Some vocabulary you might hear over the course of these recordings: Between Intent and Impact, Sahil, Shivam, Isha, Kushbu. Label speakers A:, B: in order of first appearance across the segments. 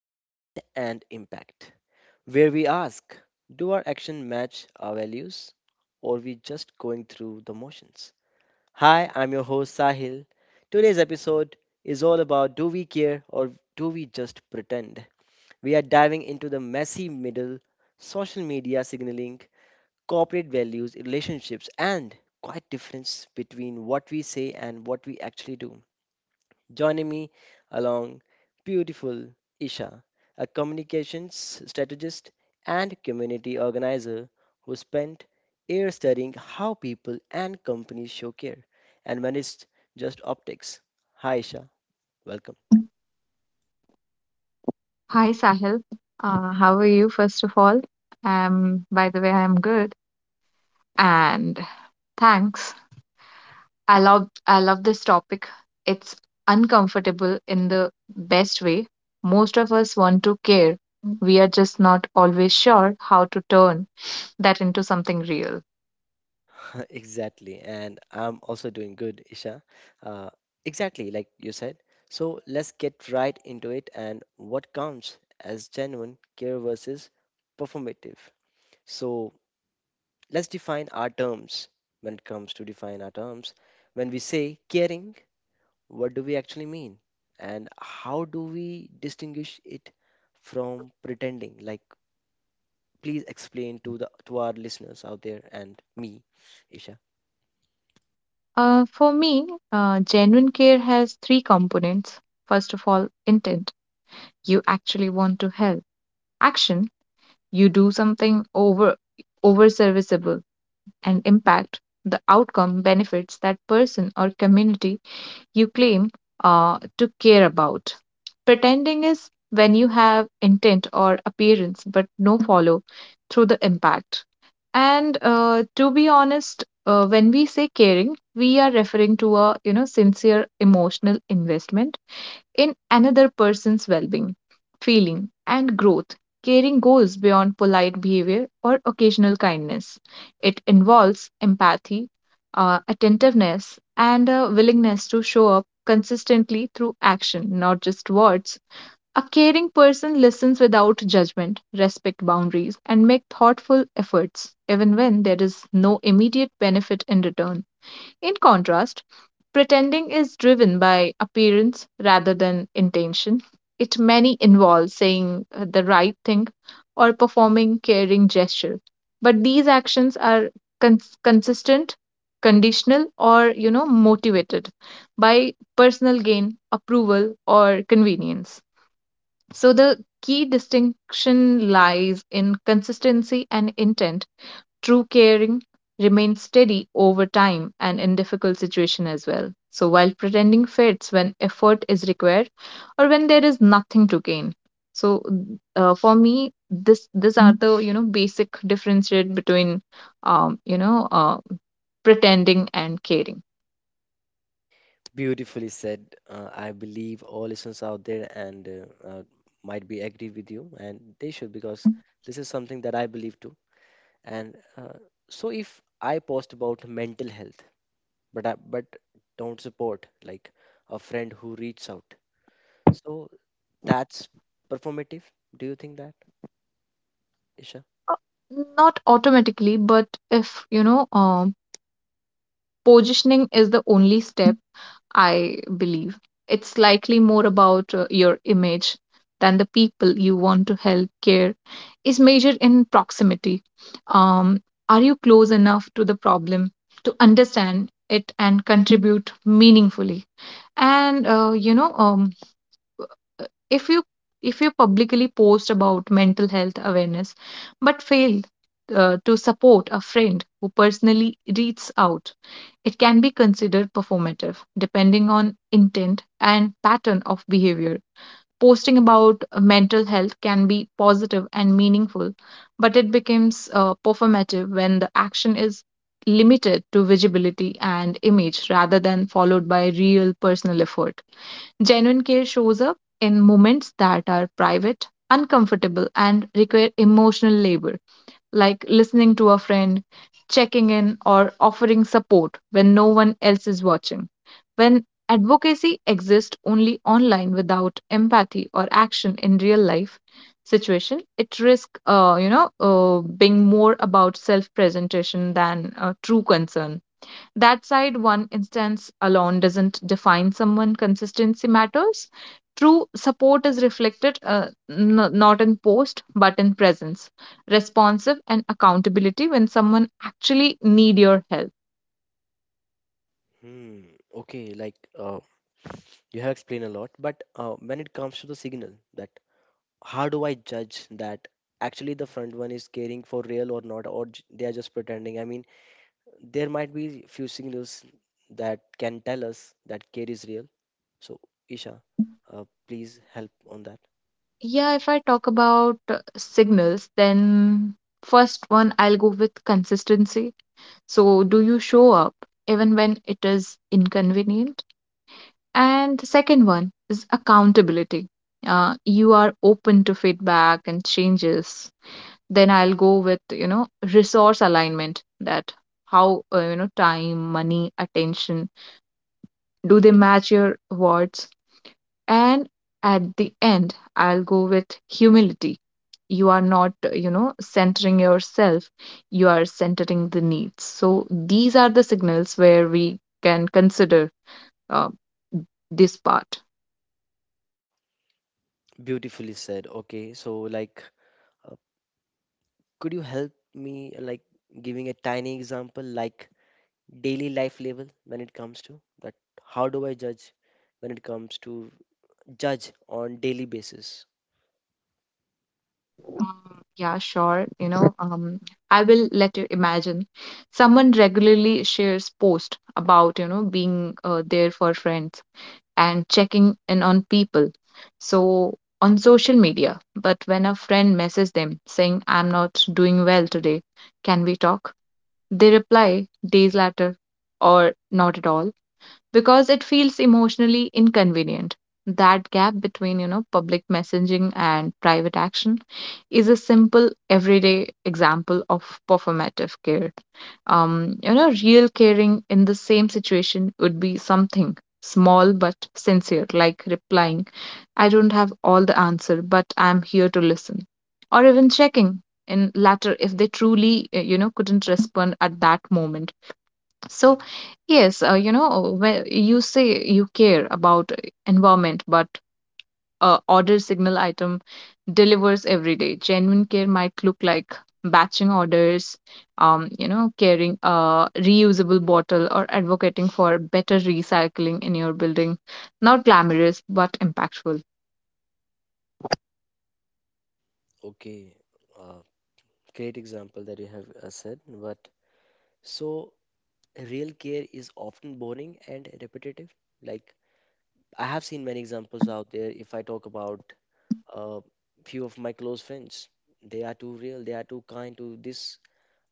A: Intent and Impact, where we ask, do our actions match our values, or are we just going through the motions? Hi, I'm your host Sahil. Today's episode is all about, do we care or do we just pretend? We are diving into the messy middle, social media signaling, corporate values, relationships, and quite difference between what we say and what we actually do. Joining me along beautiful Isha, a communications strategist and community organizer who spent years studying how people and companies show care and when it's just optics. Hi Isha, welcome.
B: Hi Sahil, how are you first of all? By the way, I'm good and thanks. I love this topic. It's uncomfortable in the best way. Most of us want to care. We are just not always sure how to turn that into something real.
A: Exactly, and I'm also doing good, Isha. Uh, exactly, like you said. So let's get right into it and what counts as genuine care versus performative. So let's define our terms. When it comes to define our terms. When we say caring, what do we actually mean? And how do we distinguish it from pretending? Like, please explain to the to our listeners out there and me, Isha.
B: For me, genuine care has three components. First of all, intent. You actually want to help. Action. You do something over and impact the outcome benefits that person or community you claim to care about. Pretending is when you have intent or appearance but no follow through the impact. And to be honest, when we say caring, we are referring to a sincere emotional investment in another person's well being, feeling, and growth. Caring goes beyond polite behavior or occasional kindness. It involves empathy, attentiveness, and a willingness to show up consistently through action, not just words. A caring person listens without judgment, respect boundaries, and make thoughtful efforts, even when there is no immediate benefit in return. In contrast, pretending is driven by appearance rather than intention. It many involves saying the right thing or performing caring gesture. But these actions are consistent, conditional, or motivated by personal gain, approval, or convenience. So the key distinction lies in consistency and intent. True caring remains steady over time and in difficult situation as well, so while pretending fits when effort is required or when there is nothing to gain. So for me this these are the basic differentiate between um, you know uh, pretending and caring.
A: Beautifully said. I believe all listeners out there and might be agree with you, and they should because this is something that I believe too. And so, if I post about mental health, but don't support like a friend who reaches out. So that's performative. Do you think that, Isha?
B: Uh, Not automatically, but if you know um, positioning is the only step, I believe. It's likely more about your image than the people you want to help. Care is measured in proximity. Um, are you close enough to the problem to understand it and contribute meaningfully? And if you if you publicly post about mental health awareness but fail to support a friend who personally reaches out, it can be considered performative depending on intent and pattern of behavior. Posting about mental health can be positive and meaningful, but it becomes performative when the action is limited to visibility and image rather than followed by real personal effort. Genuine care shows up in moments that are private, uncomfortable, and require emotional labor, like listening to a friend, checking in, or offering support when no one else is watching. When advocacy exists only online without empathy or action in real life situation, it risks, being more about self-presentation than true concern. That side, one instance alone doesn't define someone. Consistency matters. True support is reflected not in post but in presence, responsive and accountability when someone actually need your help.
A: Hmm. Okay. Like you have explained a lot, but when it comes to the signal, that how do I judge that actually the front one is caring for real or not, or they are just pretending? I mean, there might be few signals that can tell us that care is real. So Isha, please help on that.
B: Yeah, if I talk about signals, then first one I'll go with consistency. So do you show up even when it is inconvenient? And the second one is accountability. You are open to feedback and changes. Then I'll go with, resource alignment, that how, time, money, attention, do they match your words? And at the end, I'll go with humility. You are not, centering yourself, you are centering the needs. So these are the signals where we can consider uh, this part.
A: Beautifully said. Okay. So like, could you help me like giving a tiny example like daily life level when it comes to that, how do I judge when it comes to judge on daily basis?
B: Yeah, sure. I will let you imagine. Someone regularly shares posts about, being there for friends and checking in on people. So on social media, but when a friend messages them saying, I'm not doing well today, can we talk? They reply days later or not at all, because it feels emotionally inconvenient. That gap between, public messaging and private action is a simple everyday example of performative care. Real caring in the same situation would be something small but sincere, like replying, I don't have all the answer, but I'm here to listen. Or even checking in latter if they truly, couldn't respond at that moment. So, yes, when you say you care about environment, but order signal item delivers every day. Genuine care might look like batching orders, carrying a reusable bottle or advocating for better recycling in your building. Not glamorous, but impactful.
A: Okay, uh, great example that you have said. But so real care is often boring and repetitive. Like I have seen many examples out there. If I talk about a few of my close friends, they are too real, they are too kind to this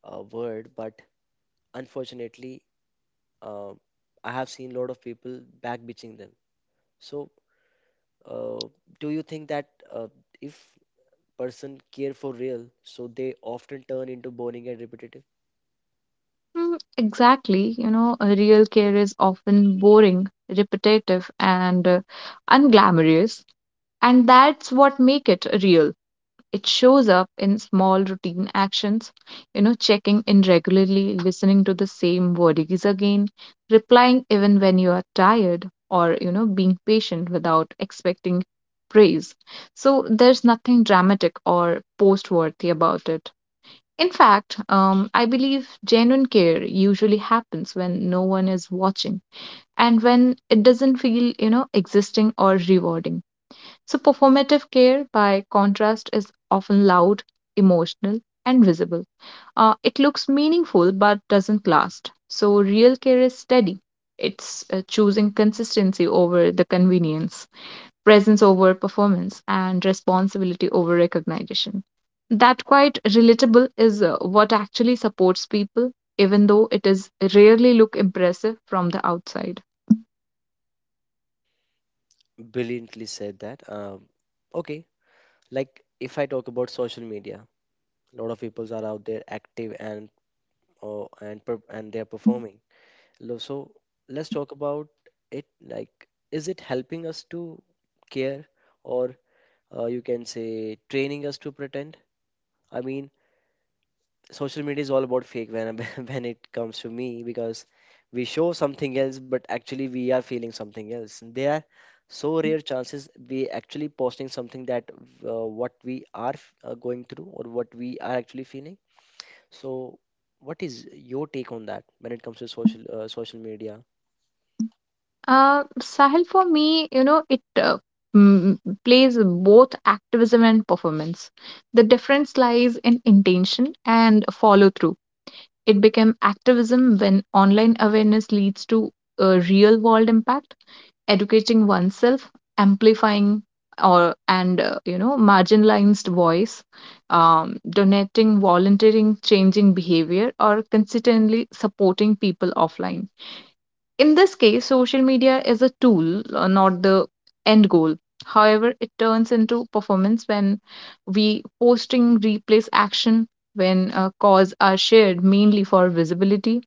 A: word, but unfortunately uh, I have seen a lot of people back bitching them. So, uh, do you think that uh, if person care for real, so they often turn into boring and repetitive?
B: Exactly, a real care is often boring, repetitive, and unglamorous, and that's what make it real. It shows up in small routine actions, checking in regularly, listening to the same words again, replying even when you are tired, or, being patient without expecting praise. So there's nothing dramatic or post worthy about it. In fact, I believe genuine care usually happens when no one is watching and when it doesn't feel, existing or rewarding. So, performative care, by contrast, is often loud, emotional, and visible. It looks meaningful but doesn't last. So, real care is steady. It's choosing consistency over the convenience, presence over performance, and responsibility over recognition. That quite relatable is what actually supports people, even though it is rarely look impressive from the outside.
A: Brilliantly said that. Okay, like if I talk about social media, a lot of people are out there active and and they are performing. So let's talk about it. Like, is it helping us to care, or you can say training us to pretend? I mean, social media is all about fake when when it comes to me because we show something else but actually we are feeling something else. There are so rare chances we actually posting something that what we are f- going through or what we are actually feeling. So what is your take on that when it comes to social media?
B: Sahil, for me, it mm, plays both activism and performance. The difference lies in intention and follow through. It became activism when online awareness leads to a real world impact, educating oneself, amplifying or and you know marginalized voice, donating, volunteering, changing behavior, or consistently supporting people offline. In this case, social media is a tool, not the end goal. However, it turns into performance when we posting replace action, when cause are shared mainly for visibility,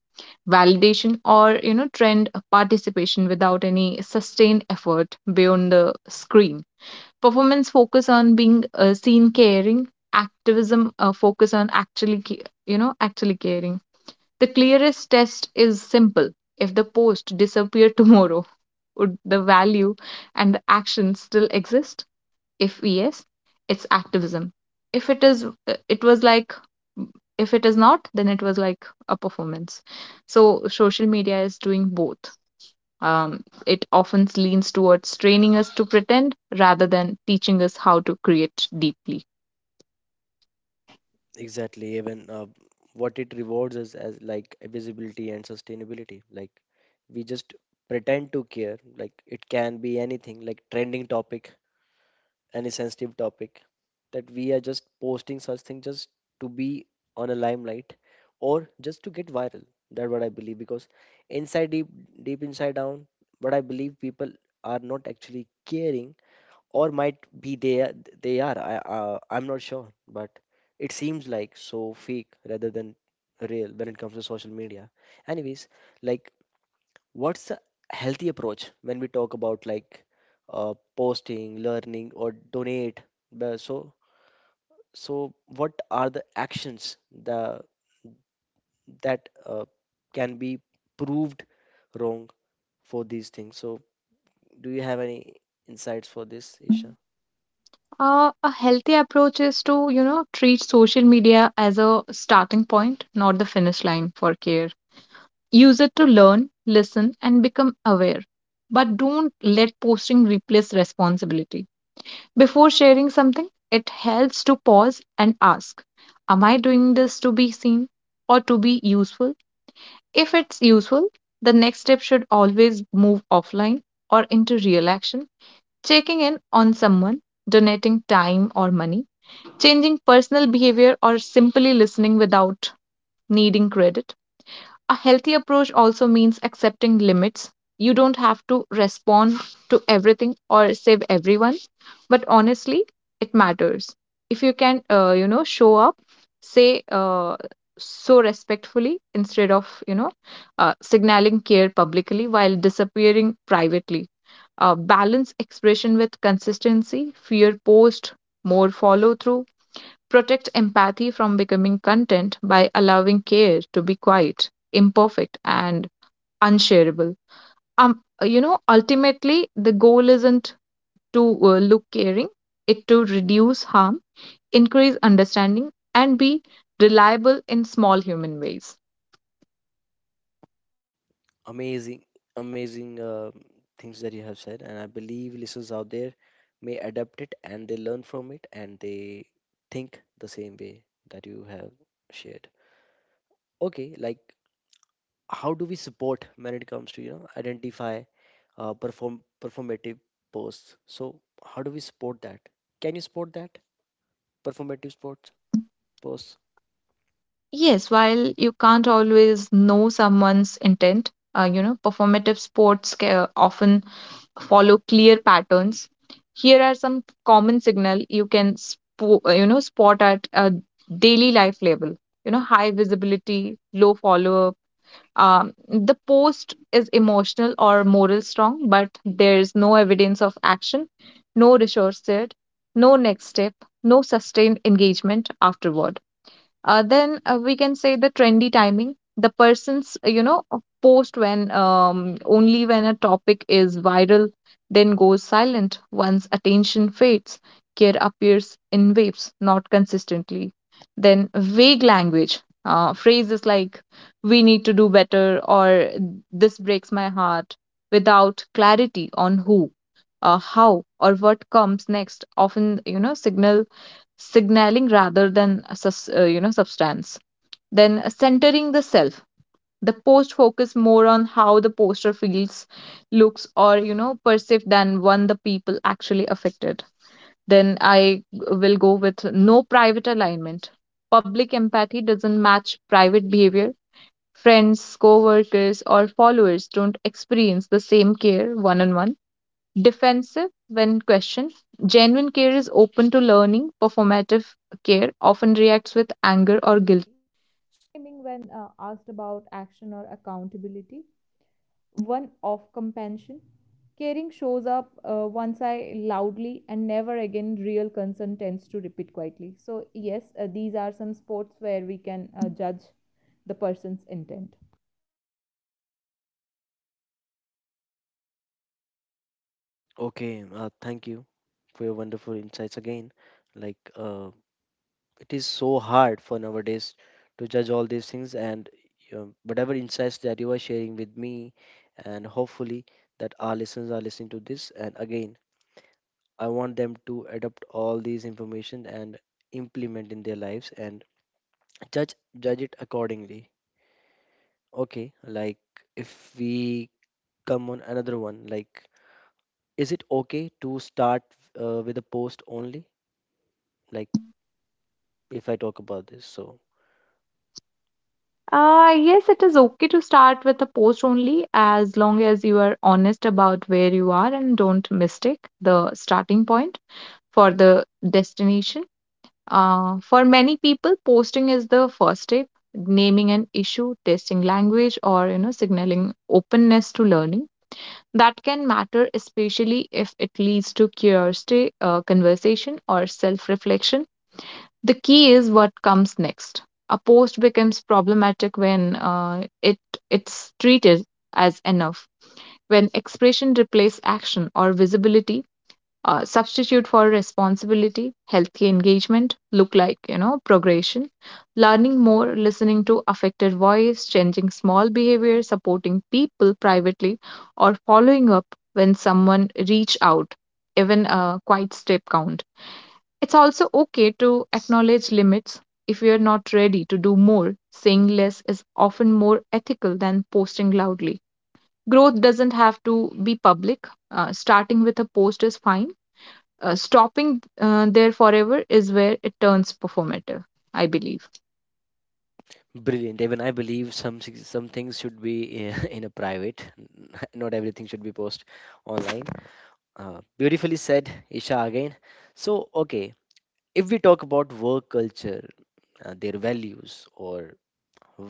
B: validation, or trend participation without any sustained effort beyond the screen. Performance focus on being seen caring. Activism focus on actually caring. The clearest test is simple. If the post disappeared tomorrow, would the value and the action still exist? If yes, it's activism. If it is, it was like, if it is not, then it was like a performance. So social media is doing both. It often leans towards training us to pretend rather than teaching us how to create deeply.
A: Exactly, even what it rewards us as like visibility and sustainability, like we just pretend to care. Like it can be anything, like trending topic, any sensitive topic that we are just posting such thing just to be on a limelight or just to get viral. That's what I believe because inside deep, deep inside down, but I believe people are not actually caring, or might be they are, I'm not sure, but it seems like so fake rather than real when it comes to social media. Anyways, like, what's a healthy approach when we talk about like posting, learning, or donate? But So, so what are the actions the that can be proved wrong for these things? So, do you have any insights for this, Isha?
B: A healthy approach is to, treat social media as a starting point, not the finish line for care. Use it to learn, listen, and become aware. But don't let posting replace responsibility. Before sharing something, it helps to pause and ask, am I doing this to be seen or to be useful? If it's useful, the next step should always move offline or into real action. Checking in on someone, donating time or money, changing personal behavior, or simply listening without needing credit. A healthy approach also means accepting limits. You don't have to respond to everything or save everyone, but honestly, it matters. If you can, show up, say so respectfully instead of, signaling care publicly while disappearing privately. Balance expression with consistency, fear post, more follow through, protect empathy from becoming content by allowing care to be quiet, imperfect, and unshareable. Ultimately, the goal isn't to look caring, it to reduce harm, increase understanding, and be reliable in small human ways.
A: Amazing, amazing things that you have said, and I believe listeners out there may adapt it and they learn from it and they think the same way that you have shared. Okay, like how do we support when it comes to, you know, identify performative posts? So how do we support that? Can you support that performative sports posts?
B: Yes, while you can't always know someone's intent, performative sports often follow clear patterns. Here are some common signal you can spot at a daily life level. High visibility, low follow up. The post is emotional or moral strong, but there is no evidence of action, no resource there, no next step, no sustained engagement afterward. Then we can say the trendy timing, the person's post when only when a topic is viral, then goes silent once attention fades. Care appears in waves, not consistently. Then vague language, phrases like, we need to do better, or this breaks my heart, without clarity on who, how, or what comes next often signal signaling rather than substance. Then centering the self, the post focus more on how the poster feels, looks, or perceived than one the people actually affected. Then I will go with no private alignment. Public empathy doesn't match private behavior. Friends, co-workers, or followers don't experience the same care one on one. Defensive when questioned. Genuine care is open to learning. Performative care often reacts with anger or guilt.
A: Okay, thank you for your wonderful insights again. Like it is so hard for nowadays to judge all these things, and you know, whatever insights that you are sharing with me, and hopefully that our listeners are listening to this and again I want them to adopt all these information and implement in their lives and judge it accordingly. Okay, like if we come on another one, like is it okay to start with a post only? Like if I talk about this, so
B: Yes, it is okay to start with a post only as long as you are honest about where you are and don't mistake the starting point for the destination. For many people, posting is the first step, naming an issue, testing language, or signaling openness to learning. That can matter, especially if it leads to curiosity, conversation, or self reflection. The key is what comes next. A post becomes problematic when it's treated as enough, when expression replaces action or visibility, substitute for responsibility, healthy engagement, look like progression, learning more, listening to affected voice, changing small behavior, supporting people privately, or following up when someone reach out, even a quiet step count it's also okay to acknowledge limits if we are not ready to do more. Saying less is often more ethical than posting loudly. Growth doesn't have to be public. Starting with a post is fine. Stopping there forever is where it turns performative, I believe.
A: brilliant. Even I believe some things should be in a private. Not everything should be posted online. Beautifully said, Isha again. So okay, if we talk about work culture, their values or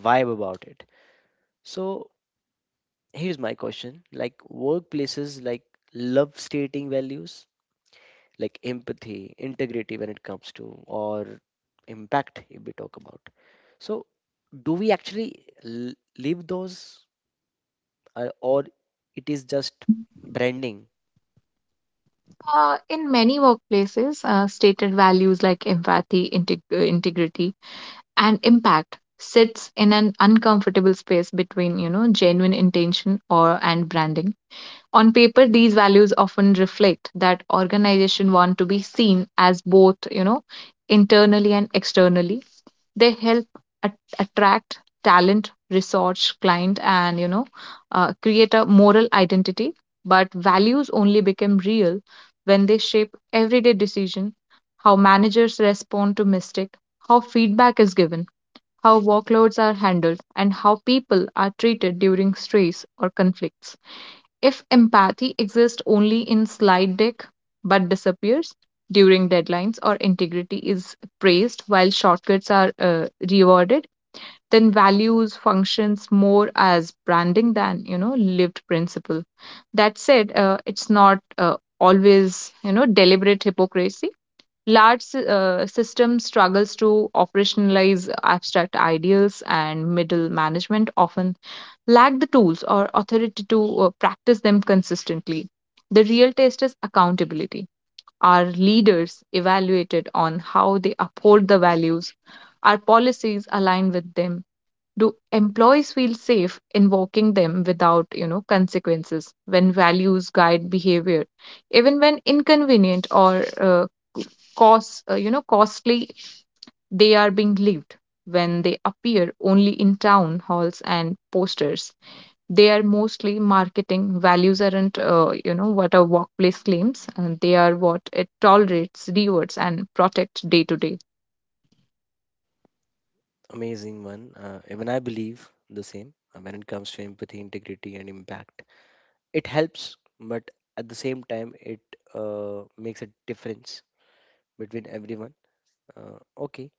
A: vibe about it. So here's my question: like workplaces, like love stating values, like empathy, integrity when it comes to, or impact if we talk about. So do we actually live those, or it is just
B: Uh,
A: branding?
B: in many workplaces, stated values like empathy, integrity, and impact sits in an uncomfortable space between, genuine intention or and branding. On paper, these values often reflect that organization want to be seen as both, internally and externally. They help attract talent, resource, client, and create a moral identity. But values only become real when they shape everyday decision, how managers respond to mistake, how feedback is given, how workloads are handled, and how people are treated during stress or conflicts. If empathy exists only in slide deck but disappears during deadlines or integrity is praised while shortcuts are rewarded, then values functions more as branding than lived principle. That said, it's not always deliberate hypocrisy. Large system struggles to operationalize abstract ideals, and middle management often lack the tools or authority to practice them consistently. The real test is accountability. Are leaders evaluated on how they uphold the values? Are policies aligned with them? Do employees feel safe invoking them without, consequences when values guide behavior? Even when inconvenient or costly, they are being lived. When they appear only in town halls and posters they are mostly marketing. Values aren't what a workplace claims, and they are what it tolerates, rewards and protects day to day.
A: Amazing one. Even I believe the same when it comes to empathy, integrity, and impact, it helps, but at the same time it makes a difference between everyone. uh, okay,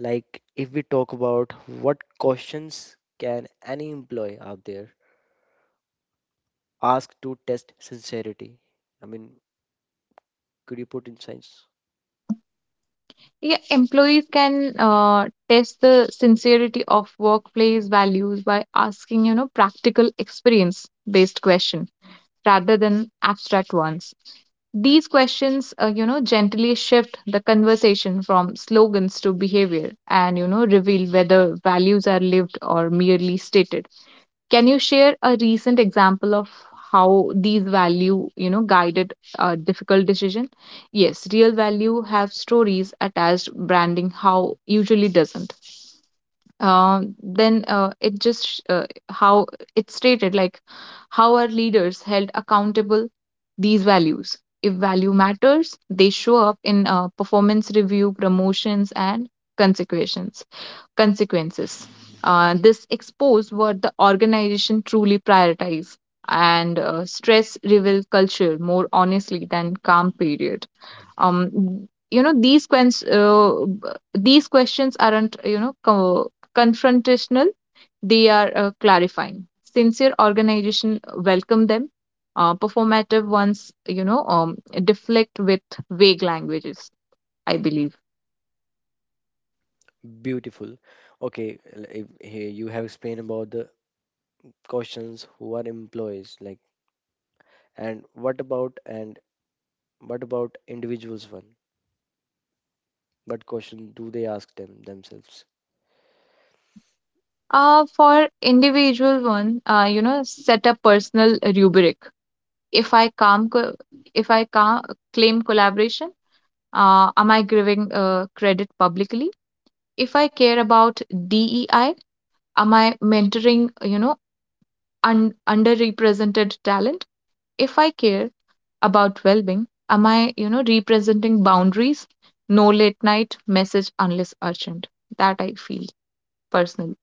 A: like if we talk about what questions can any employee out there ask to test sincerity? I mean, could you put in science?
B: Yeah, employees can test the sincerity of workplace values by asking practical experience based question rather than abstract ones. These questions gently shift the conversation from slogans to behavior and reveal whether values are lived or merely stated. Can you share a recent example of how these value, guided a difficult decision? Yes, real value have stories attached. Branding how usually doesn't. Then it just sh- How it's stated, like how are leaders held accountable these values? If value matters they show up in performance review, promotions and consequences consequences. This expose what the organization truly prioritize, and stress reveal culture more honestly than calm period. Um, you know these quens- uh, these questions aren't confrontational; they are clarifying. Sincere organization welcome them. Performative ones, deflect with vague languages. I believe.
A: Beautiful. Okay, if, here you have explained about the questions who are employees, like, and what about individuals one? What question do they ask them themselves?
B: For individual one, set a personal rubric. If I calm, co- if I claim collaboration, am I giving credit publicly? If I care about DEI, am I mentoring, underrepresented talent? If I care about well-being, am I, representing boundaries? No late night message unless urgent. That I feel personally.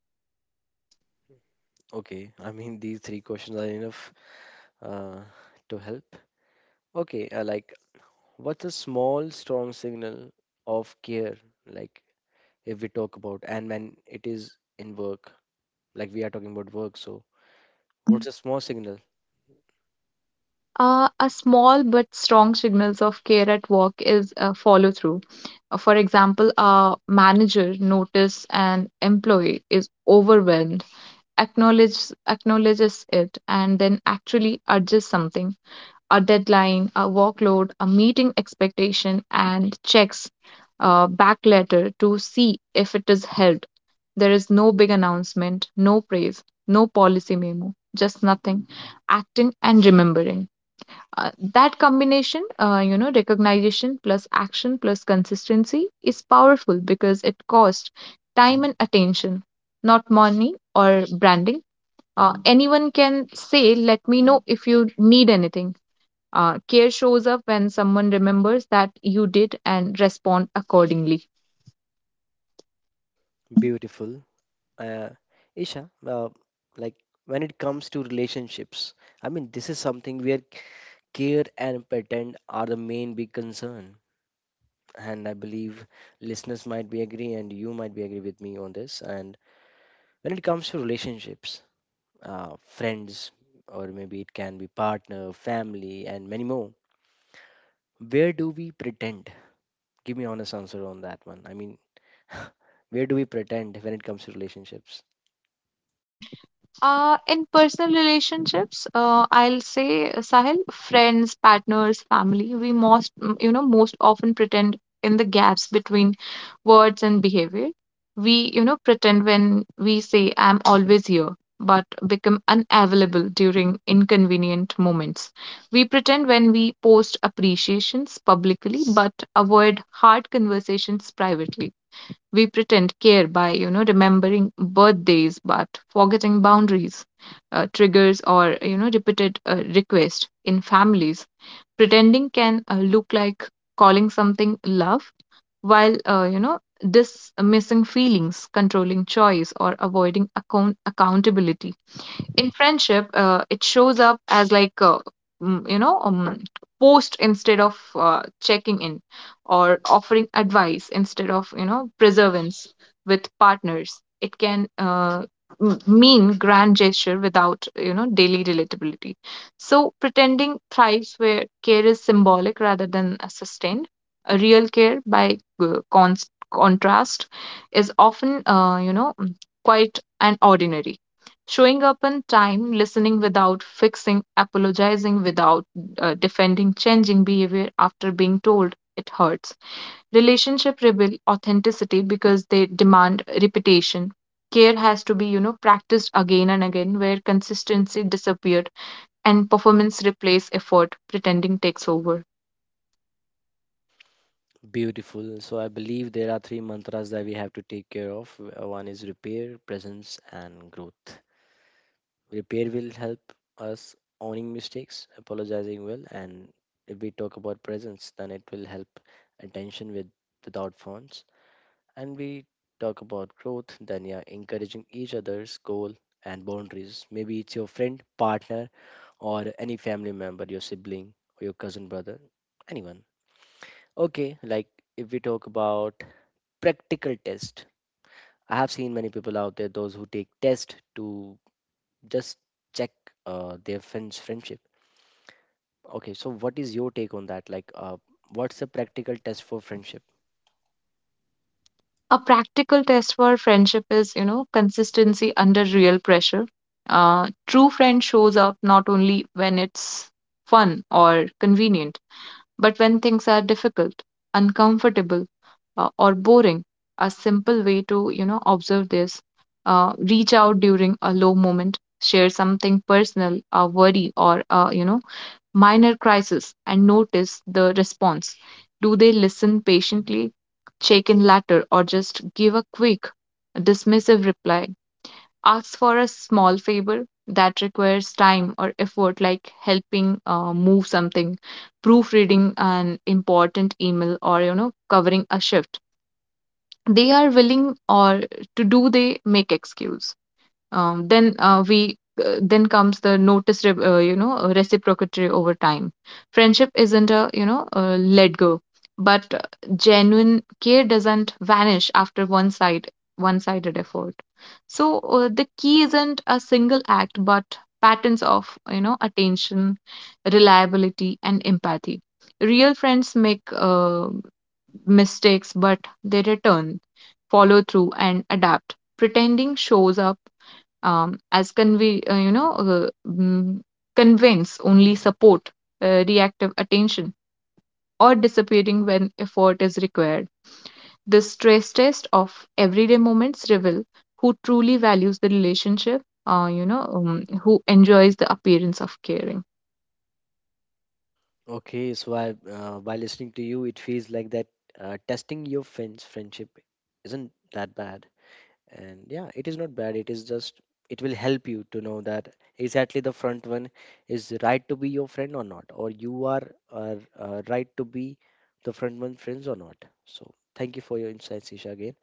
A: Okay, I mean, these three questions are enough uh, to help. Okay, like, what's a small, strong signal of care? Like, if we talk about, and when it is in work, like we are talking about work, so what's a small signal?
B: A small but strong signals of care at work is a follow through. For example, a manager notice an employee is overwhelmed, acknowledges it, and then actually adjusts something, a deadline, a workload, a meeting expectation, and checks back later to see if it is held. There is no big announcement, no praise, no policy memo, just nothing. Acting and remembering. That combination, recognition plus action plus consistency is powerful because it costs time and attention, not money or branding. Anyone can say, let me know if you need anything. Care shows up when someone remembers that you did and respond accordingly.
A: Beautiful. Uh, Isha, like, when it comes to relationships, I mean, this is something where care and pretend are the main big concern. And I believe listeners might be agree, and you might be agree with me on this. And when it comes to relationships, friends, or maybe it can be partner, family, and many more, where do we pretend? Give me honest answer on that one. I mean, where do we pretend when it comes to relationships?
B: In personal relationships, I'll say, Sahil, friends, partners, family, we most, mm, you know, most often pretend in the gaps between words and behavior. We, pretend when we say, I'm always here, but become unavailable during inconvenient moments. We pretend when we post appreciations publicly, but avoid hard conversations privately. We pretend care by, remembering birthdays but forgetting boundaries, triggers, or, repeated requests in families. Pretending can look like calling something love, while, dismissing feelings, controlling choice, or avoiding accountability. In friendship it shows up as like mm, you know post instead of checking in, or offering advice instead of preservance. With partners it can mean grand gesture without daily relatability. So pretending thrives where care is symbolic rather than sustained. A real care by contrast is often quite an ordinary. Showing up on time, listening without fixing, apologizing without defending, changing behavior after being told it hurts. Relationship reveal authenticity because they demand repetition. Care has to be, practiced again and again. Where consistency disappeared and performance replace effort, pretending takes over.
A: Beautiful. So I believe there are three mantras that we have to take care of. One is repair, presence, and growth. Repair will help us owning mistakes, apologizing well, and if we talk about presence, then it will help attention with without phones, and we talk about growth, Danya, encouraging each other's goal and boundaries. Maybe it's your friend, partner, or any family member, your sibling, or your cousin, brother, anyone. Okay, like if we talk about practical test, I have seen many people out there, those who take test to just check their friend's friendship. Okay, so what is your take on that? Like, what's a practical test for friendship?
B: A practical test for friendship is consistency under real pressure. True friend shows up not only when it's fun or convenient, but when things are difficult, uncomfortable, or boring. A simple way to observe this, reach out during a low moment, share something personal, a worry or a minor crisis, and notice the response. Do they listen patiently, check in later, or just give a quick, dismissive reply? Ask for a small favor that requires time or effort, like helping move something, proofreading an important email, or covering a shift. They are willing or to do they make excuse. um, then uh, we then comes the notice reciprocity over time. Friendship isn't a let go, but genuine care doesn't vanish after one sided effort. So the key isn't a single act but patterns of attention, reliability and empathy. Real friends make mistakes but they return, follow through and adapt. Pretending shows up as convince only support, reactive attention, or disappearing when effort is required. The stress test of everyday moments reveal who truly values the relationship, who enjoys the appearance of caring.
A: Okay, so by listening to you, it feels like that testing your friend's friendship isn't that bad. And yeah, it is not bad. It is just, it will help you to know that exactly the front one is right to be your friend or not, or you are right to be the front one friends or not. So thank you for your insights, Isha, again,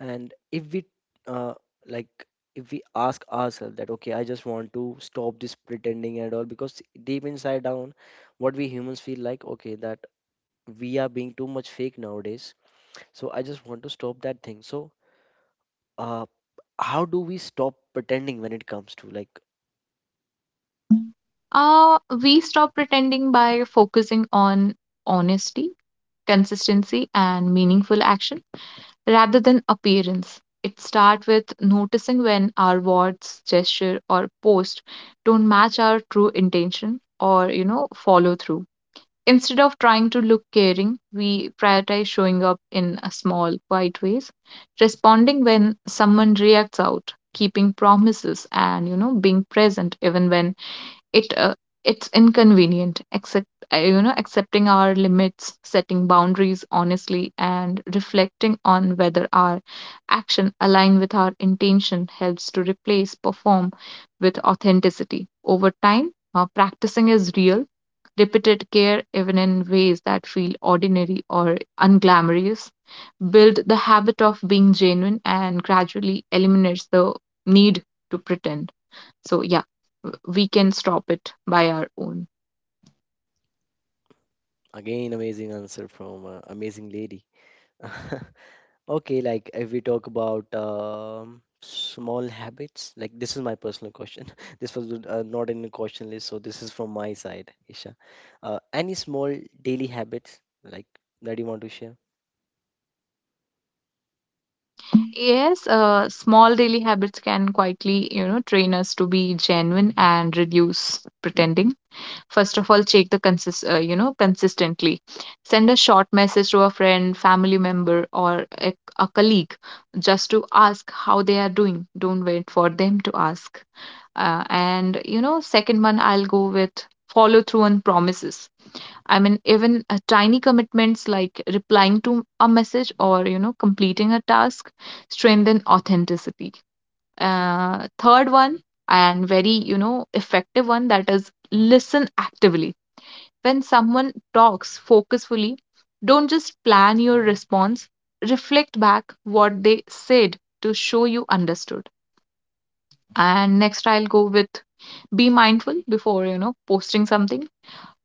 A: and if we uh, like if we ask ourselves that okay, I just want to stop this pretending and all because deep inside down what we humans feel like, okay, that we are being too much fake nowadays, so I just want to stop that thing. So uh, how do we stop pretending when it comes to like,
B: We stop pretending by focusing on honesty, consistency and meaningful action rather than appearance. It starts with noticing when our words, gesture, or post don't match our true intention or, follow through. Instead of trying to look caring, we prioritize showing up in a small, quiet ways, responding when someone reacts out, keeping promises, and, being present even when it uh, it's inconvenient. Except accepting our limits, setting boundaries honestly and reflecting on whether our action align with our intention helps to replace perform with authenticity over time. Practicing is real repeated care even in ways that feel ordinary or unglamorous build the habit of being genuine and gradually eliminates the need to pretend. So, yeah, we can stop it by our own.
A: again amazing answer from amazing lady. Okay, like if we talk about small habits, like this is my personal question. This was not in the question list, so this is from my side, Isha. Any small daily habits like that you want to share?
B: Yes, small daily habits can quietly, train us to be genuine and reduce pretending. First of all, check the consistently. Send a short message to a friend, family member, or a colleague just to ask how they are doing. Don't wait for them to ask. Second one, I'll go with follow through on promises. I mean, even tiny commitments like replying to a message or, completing a task strengthen authenticity. Third one, and very, effective one, that is listen actively. When someone talks focusfully, don't just plan your response, reflect back what they said to show you understood. And next, I'll go with be mindful before, posting something.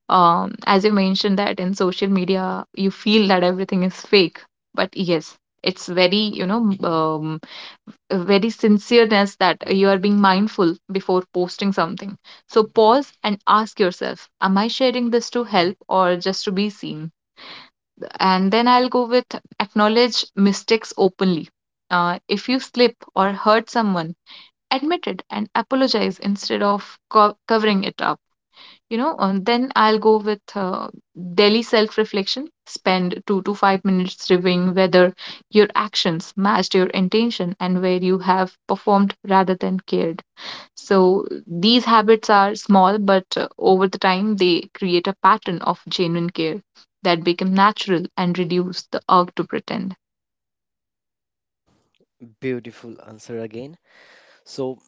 B: As you mentioned that in social media you feel that everything is fake, but yes, it's very a very sincereness that you are being mindful before posting something. So pause and ask yourself, am I sharing this to help or just to be seen? And then I'll go with acknowledge mistakes openly. If you slip or hurt someone, admit it and apologize instead of covering it up. And then I'll go with daily self reflection. Spend 2 to 5 minutes reviewing whether your actions matched your intention and where you have performed rather than cared. So these habits are small, but over the time they create a pattern of genuine care that become natural and reduce the urge to pretend.
A: Beautiful answer again. So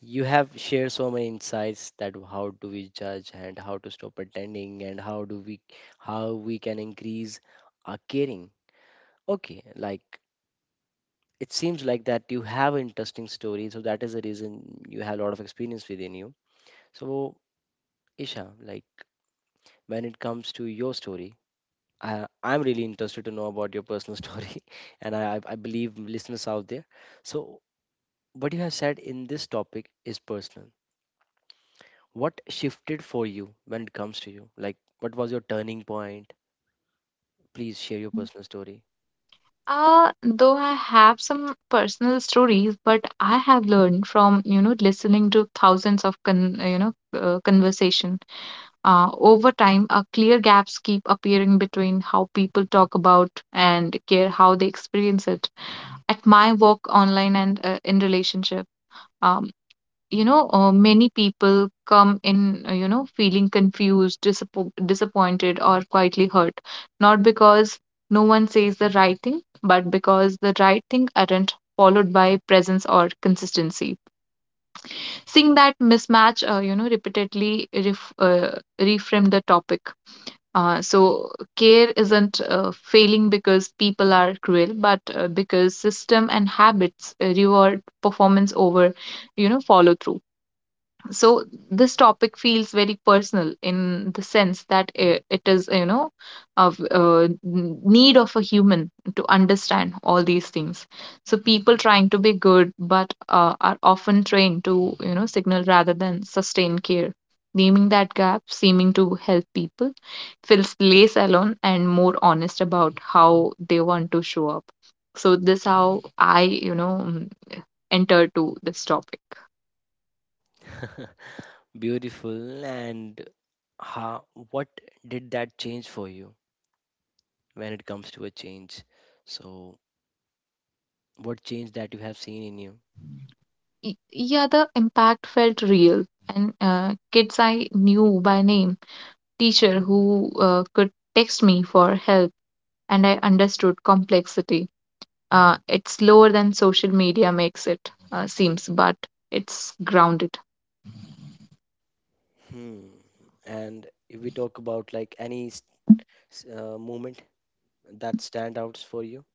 A: you have shared so many insights that how do we judge and how to stop pretending and how do we how we can increase our caring. Okay, like it seems like that you have an interesting story, so that is the reason you have a lot of experience within you. So, Isha, like when it comes to your story, I'm really interested to know about your personal story, and I believe listeners out there. So what you have said in this topic is personal. What shifted for you when it comes to you, like what was your turning point? Please share your personal story.
B: Though I have some personal stories, but I have learned from, listening to thousands of conversation. Over time, clear gaps keep appearing between how people talk about and care how they experience it. At my work, online, and in relationship, um, many people come in, feeling confused, disappointed, or quietly hurt, not because no one says the right thing, but because the right thing aren't followed by presence or consistency. Seeing that mismatch, repeatedly reframe the topic. So care isn't failing because people are cruel, but because system and habits reward performance over, follow through. So this topic feels very personal in the sense that it is, of need of a human to understand all these things. So people trying to be good but are often trained to signal rather than sustain care. Naming that gap seeming to help people feels less alone and more honest about how they want to show up. So this how I enter to this topic.
A: Beautiful. And how, what did that change for you when it comes to a change? So, what change that you have seen in you?
B: Yeah, the impact felt real. And kids I knew by name, teacher who could text me for help, and I understood complexity. It's slower than social media makes it seems, but it's grounded.
A: Hmm. And if we talk about like any moment that stand out for you.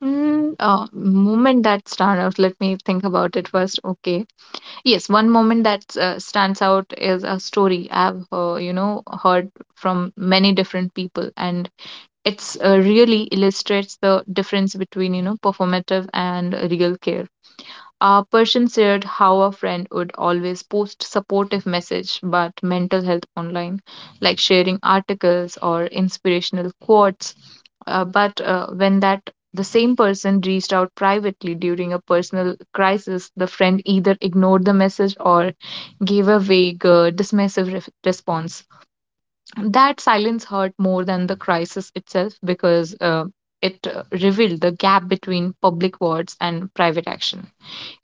B: Mm, moment that stand out. Let me think about it first. Okay, yes, one moment that stands out is a story I've heard from many different people, and it's really illustrates the difference between performative and real care. A person shared how a friend would always post supportive message but mental health online, like sharing articles or inspirational quotes, but when that the same person reached out privately during a personal crisis, the friend either ignored the message or gave a vague dismissive response. That silence hurt more than the crisis itself, because it revealed the gap between public words and private action.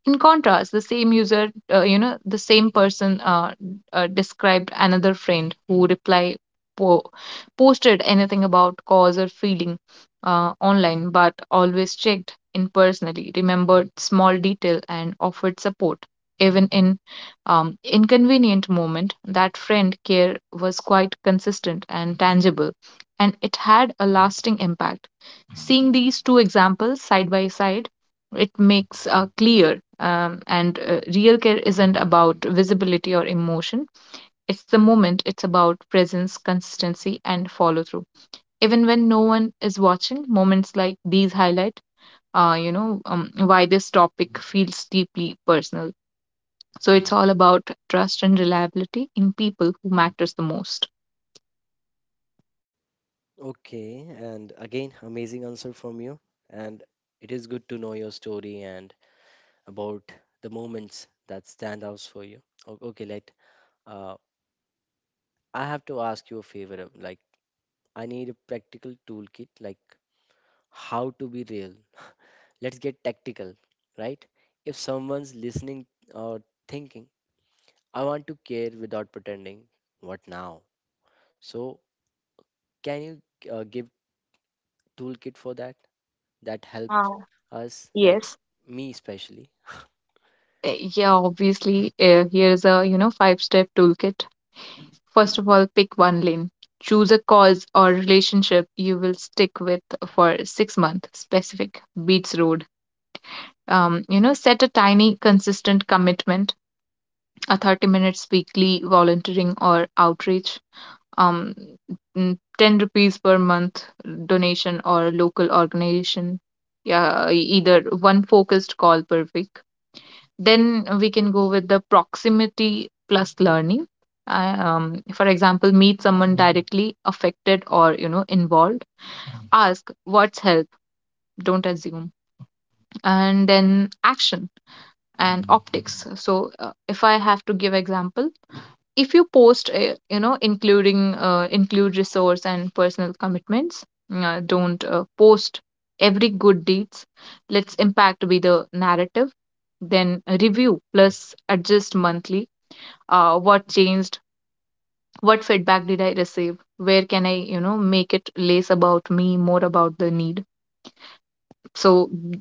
B: In contrast, the same person described another friend who reply po- posted anything about cause or feeling online, but always checked in personally, remembered small detail, and offered support even in inconvenient moment. That friend care was quite consistent and tangible, and it had a lasting impact. Seeing these two examples side by side, it makes clear and real care isn't about visibility or emotion. It's the moment, it's about presence, consistency, and follow through. Even when no one is watching, moments like these highlight. Why this topic feels deeply personal, so it's all about trust and reliability in people who matters the most.
A: Okay. And again, amazing answer from you. And it is good to know your story and about the moments that stand out for you. Okay, let uh, I have to ask you a favor. Like I need a practical toolkit, like how to be real. Let's get tactical, right? If someone's listening or thinking, I want to care without pretending, what now? So, can you give toolkit for that? That helps
B: Uh,
A: us, like
B: yes.
A: me especially.
B: Yeah, obviously, here's a five-step toolkit. First of all, pick one lane. Choose a cause or relationship you will stick with for 6 months, specific, beats road. Set a tiny, consistent commitment, a 30 minutes weekly volunteering or outreach, um, 10 rupees per month donation or local organization, yeah, either one focused call per week. Then we can go with the proximity plus learning. For example, meet someone directly affected or involved. Ask what's help. Don't assume. And then action and optics. So if I have to give example, if you post, you know, including include resource and personal commitments. Don't post every good deeds. Let's impact be the narrative. Then review plus adjust monthly. What changed, what feedback did I receive, where can I make it less about me, more about the need. So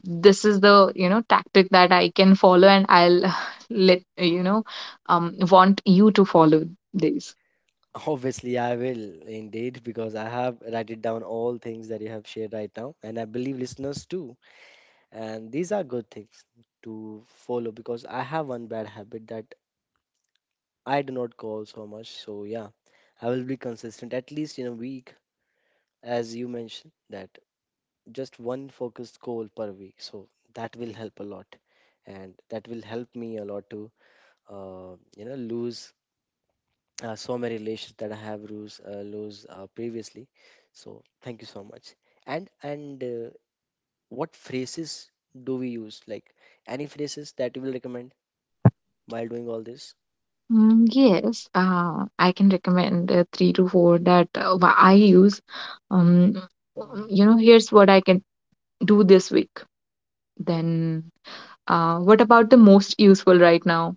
B: this is the tactic that I can follow, and I'll let you know want you to follow these.
A: Obviously, I will indeed, because I have written down all things that you have shared right now, and I believe listeners too. And these are good things to follow because I have one bad habit that I do not call so much. So, yeah, I will be consistent at least in a week, as you mentioned that just one focused goal per week, so that will help a lot, and that will help me a lot to you know lose so many relations that I have lose, previously. So thank you so much. And what phrases do we use, like any phrases that you will recommend while doing all this?
B: Yes, I can recommend three to four that I use. Um, Here's what I can do this week. Then, what about the most useful right now?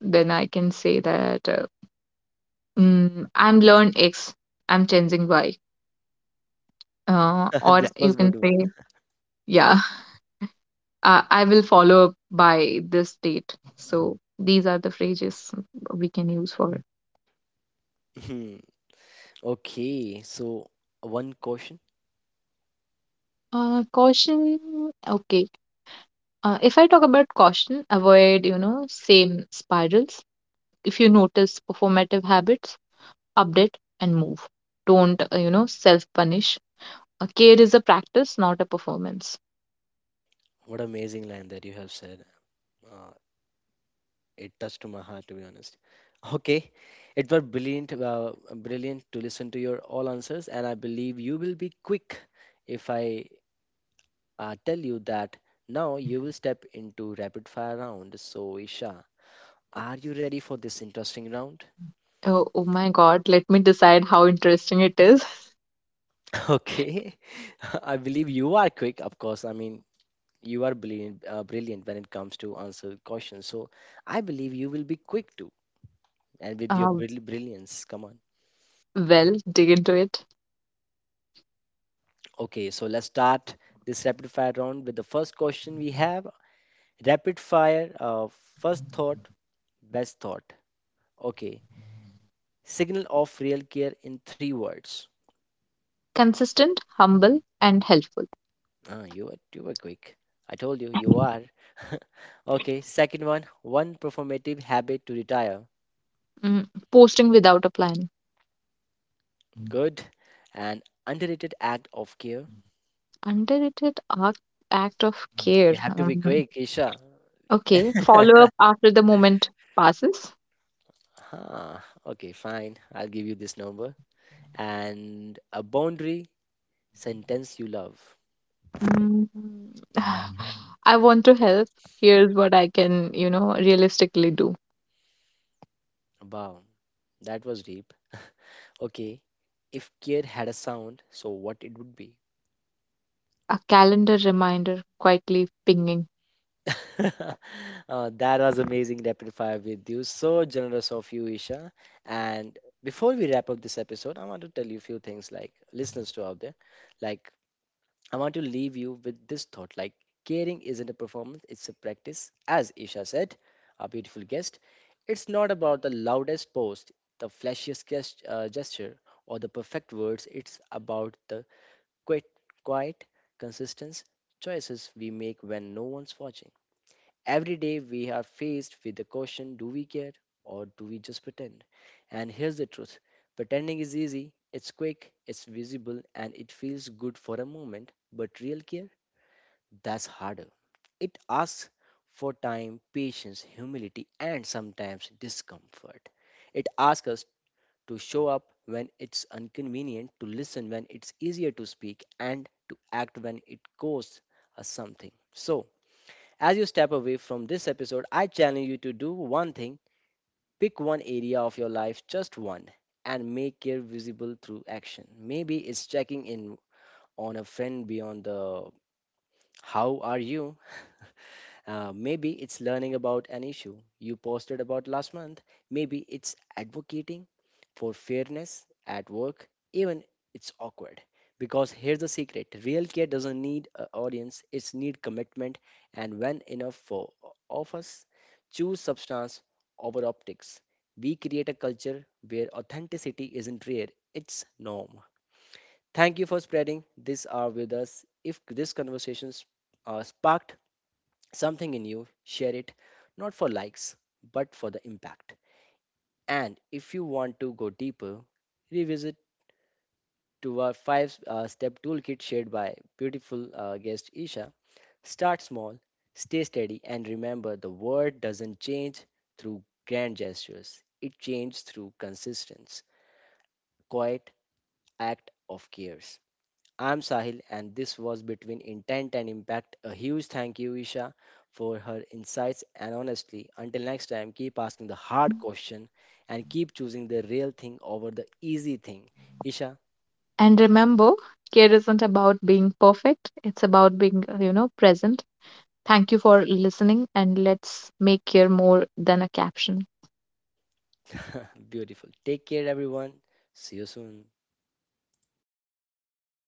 B: Then I can say that, I'm learned X, I'm changing Y. Or
A: This
B: you
A: was
B: can
A: good one.
B: say, yeah, I will follow up by this date. So these are the phrases we can use for.
A: Hmm, okay, so one question.
B: Caution. Okay. If I talk about caution, avoid, same spirals. If you notice performative habits, update and move. Don't self-punish. Care is a practice, not a performance.
A: What amazing line that you have said. Uh, It touched to my heart, to be honest. Okay, it was brilliant, brilliant to listen to your all answers, and I believe you will be quick if I tell you that now you will step into rapid fire round. So, Isha, are you ready for this interesting round?
B: Oh, oh my God, let me decide how interesting it is.
A: Okay, I believe you are quick, of course. I mean, you are brilliant, brilliant when it comes to answer questions. So, I believe you will be quick too, and with your
B: Uh,
A: brilliance. Come on.
B: Well, dig into it.
A: Okay, so let's start this rapid fire round with the first question we have. Rapid fire, first thought, best thought. Okay, signal of real care in three words.
B: Consistent, humble, and helpful.
A: Ah, you were quick. I told you you are. Okay, second one, one performative habit to retire.
B: Posting without a plan.
A: Good. And underrated act of care.
B: Underrated act, act of care.
A: You have to be
B: Um,
A: quick, Isha.
B: okay. Follow up after the moment passes.
A: Huh, okay, fine. I'll give you this number. And a boundary sentence you love.
B: Mm, I want to help. Here's what I can, realistically do.
A: Wow, that was deep. Okay, if care had a sound, so what it would be?
B: A calendar reminder quietly pinging.
A: That was amazing rapid fire with you. So generous of you, Isha. And before we wrap up this episode, I want to tell you a few things, like listeners to out there. Like, I want to leave you with this thought: like, caring isn't a performance; it's a practice. As Isha said, our beautiful guest. It's not about the loudest post, the flashiest gesture, or the perfect words. It's about the quiet, quiet, consistent choices we make when no one's watching. Every day we are faced with the question, do we care or do we just pretend? And here's the truth: pretending is easy, it's quick, it's visible, and it feels good for a moment, but real care, that's harder. It asks for time, patience, humility, and sometimes discomfort. It asks us to show up when it's inconvenient, to listen when it's easier to speak, and to act when it costs us something. So, as you step away from this episode, I challenge you to do one thing: pick one area of your life, just one, and make it visible through action. Maybe it's checking in on a friend beyond the how are you. Maybe it's learning about an issue you posted about last month. Maybe it's advocating for fairness at work, even it's awkward. Because here's the secret: real care doesn't need an audience, it's need commitment. And when enough for of us choose substance over optics, we create a culture where authenticity isn't rare, it's norm. Thank you for spreading this hour with us. If this conversation sparked something in you, share it not for likes but for the impact. And if you want to go deeper, revisit to our five step toolkit shared by beautiful guest Isha. Start small, stay steady, and remember the world doesn't change through grand gestures, it changes through consistency, quiet act of cares. I'm Sahil, and this was Between Intent and Impact. A huge thank you, Isha, for her insights and honestly. Until next time, keep asking the hard question and keep choosing the real thing over the easy thing. Isha,
B: And remember, care isn't about being perfect, it's about being, present. Thank you for listening, and let's make care more than a caption.
A: beautiful. Take care, everyone. See you soon.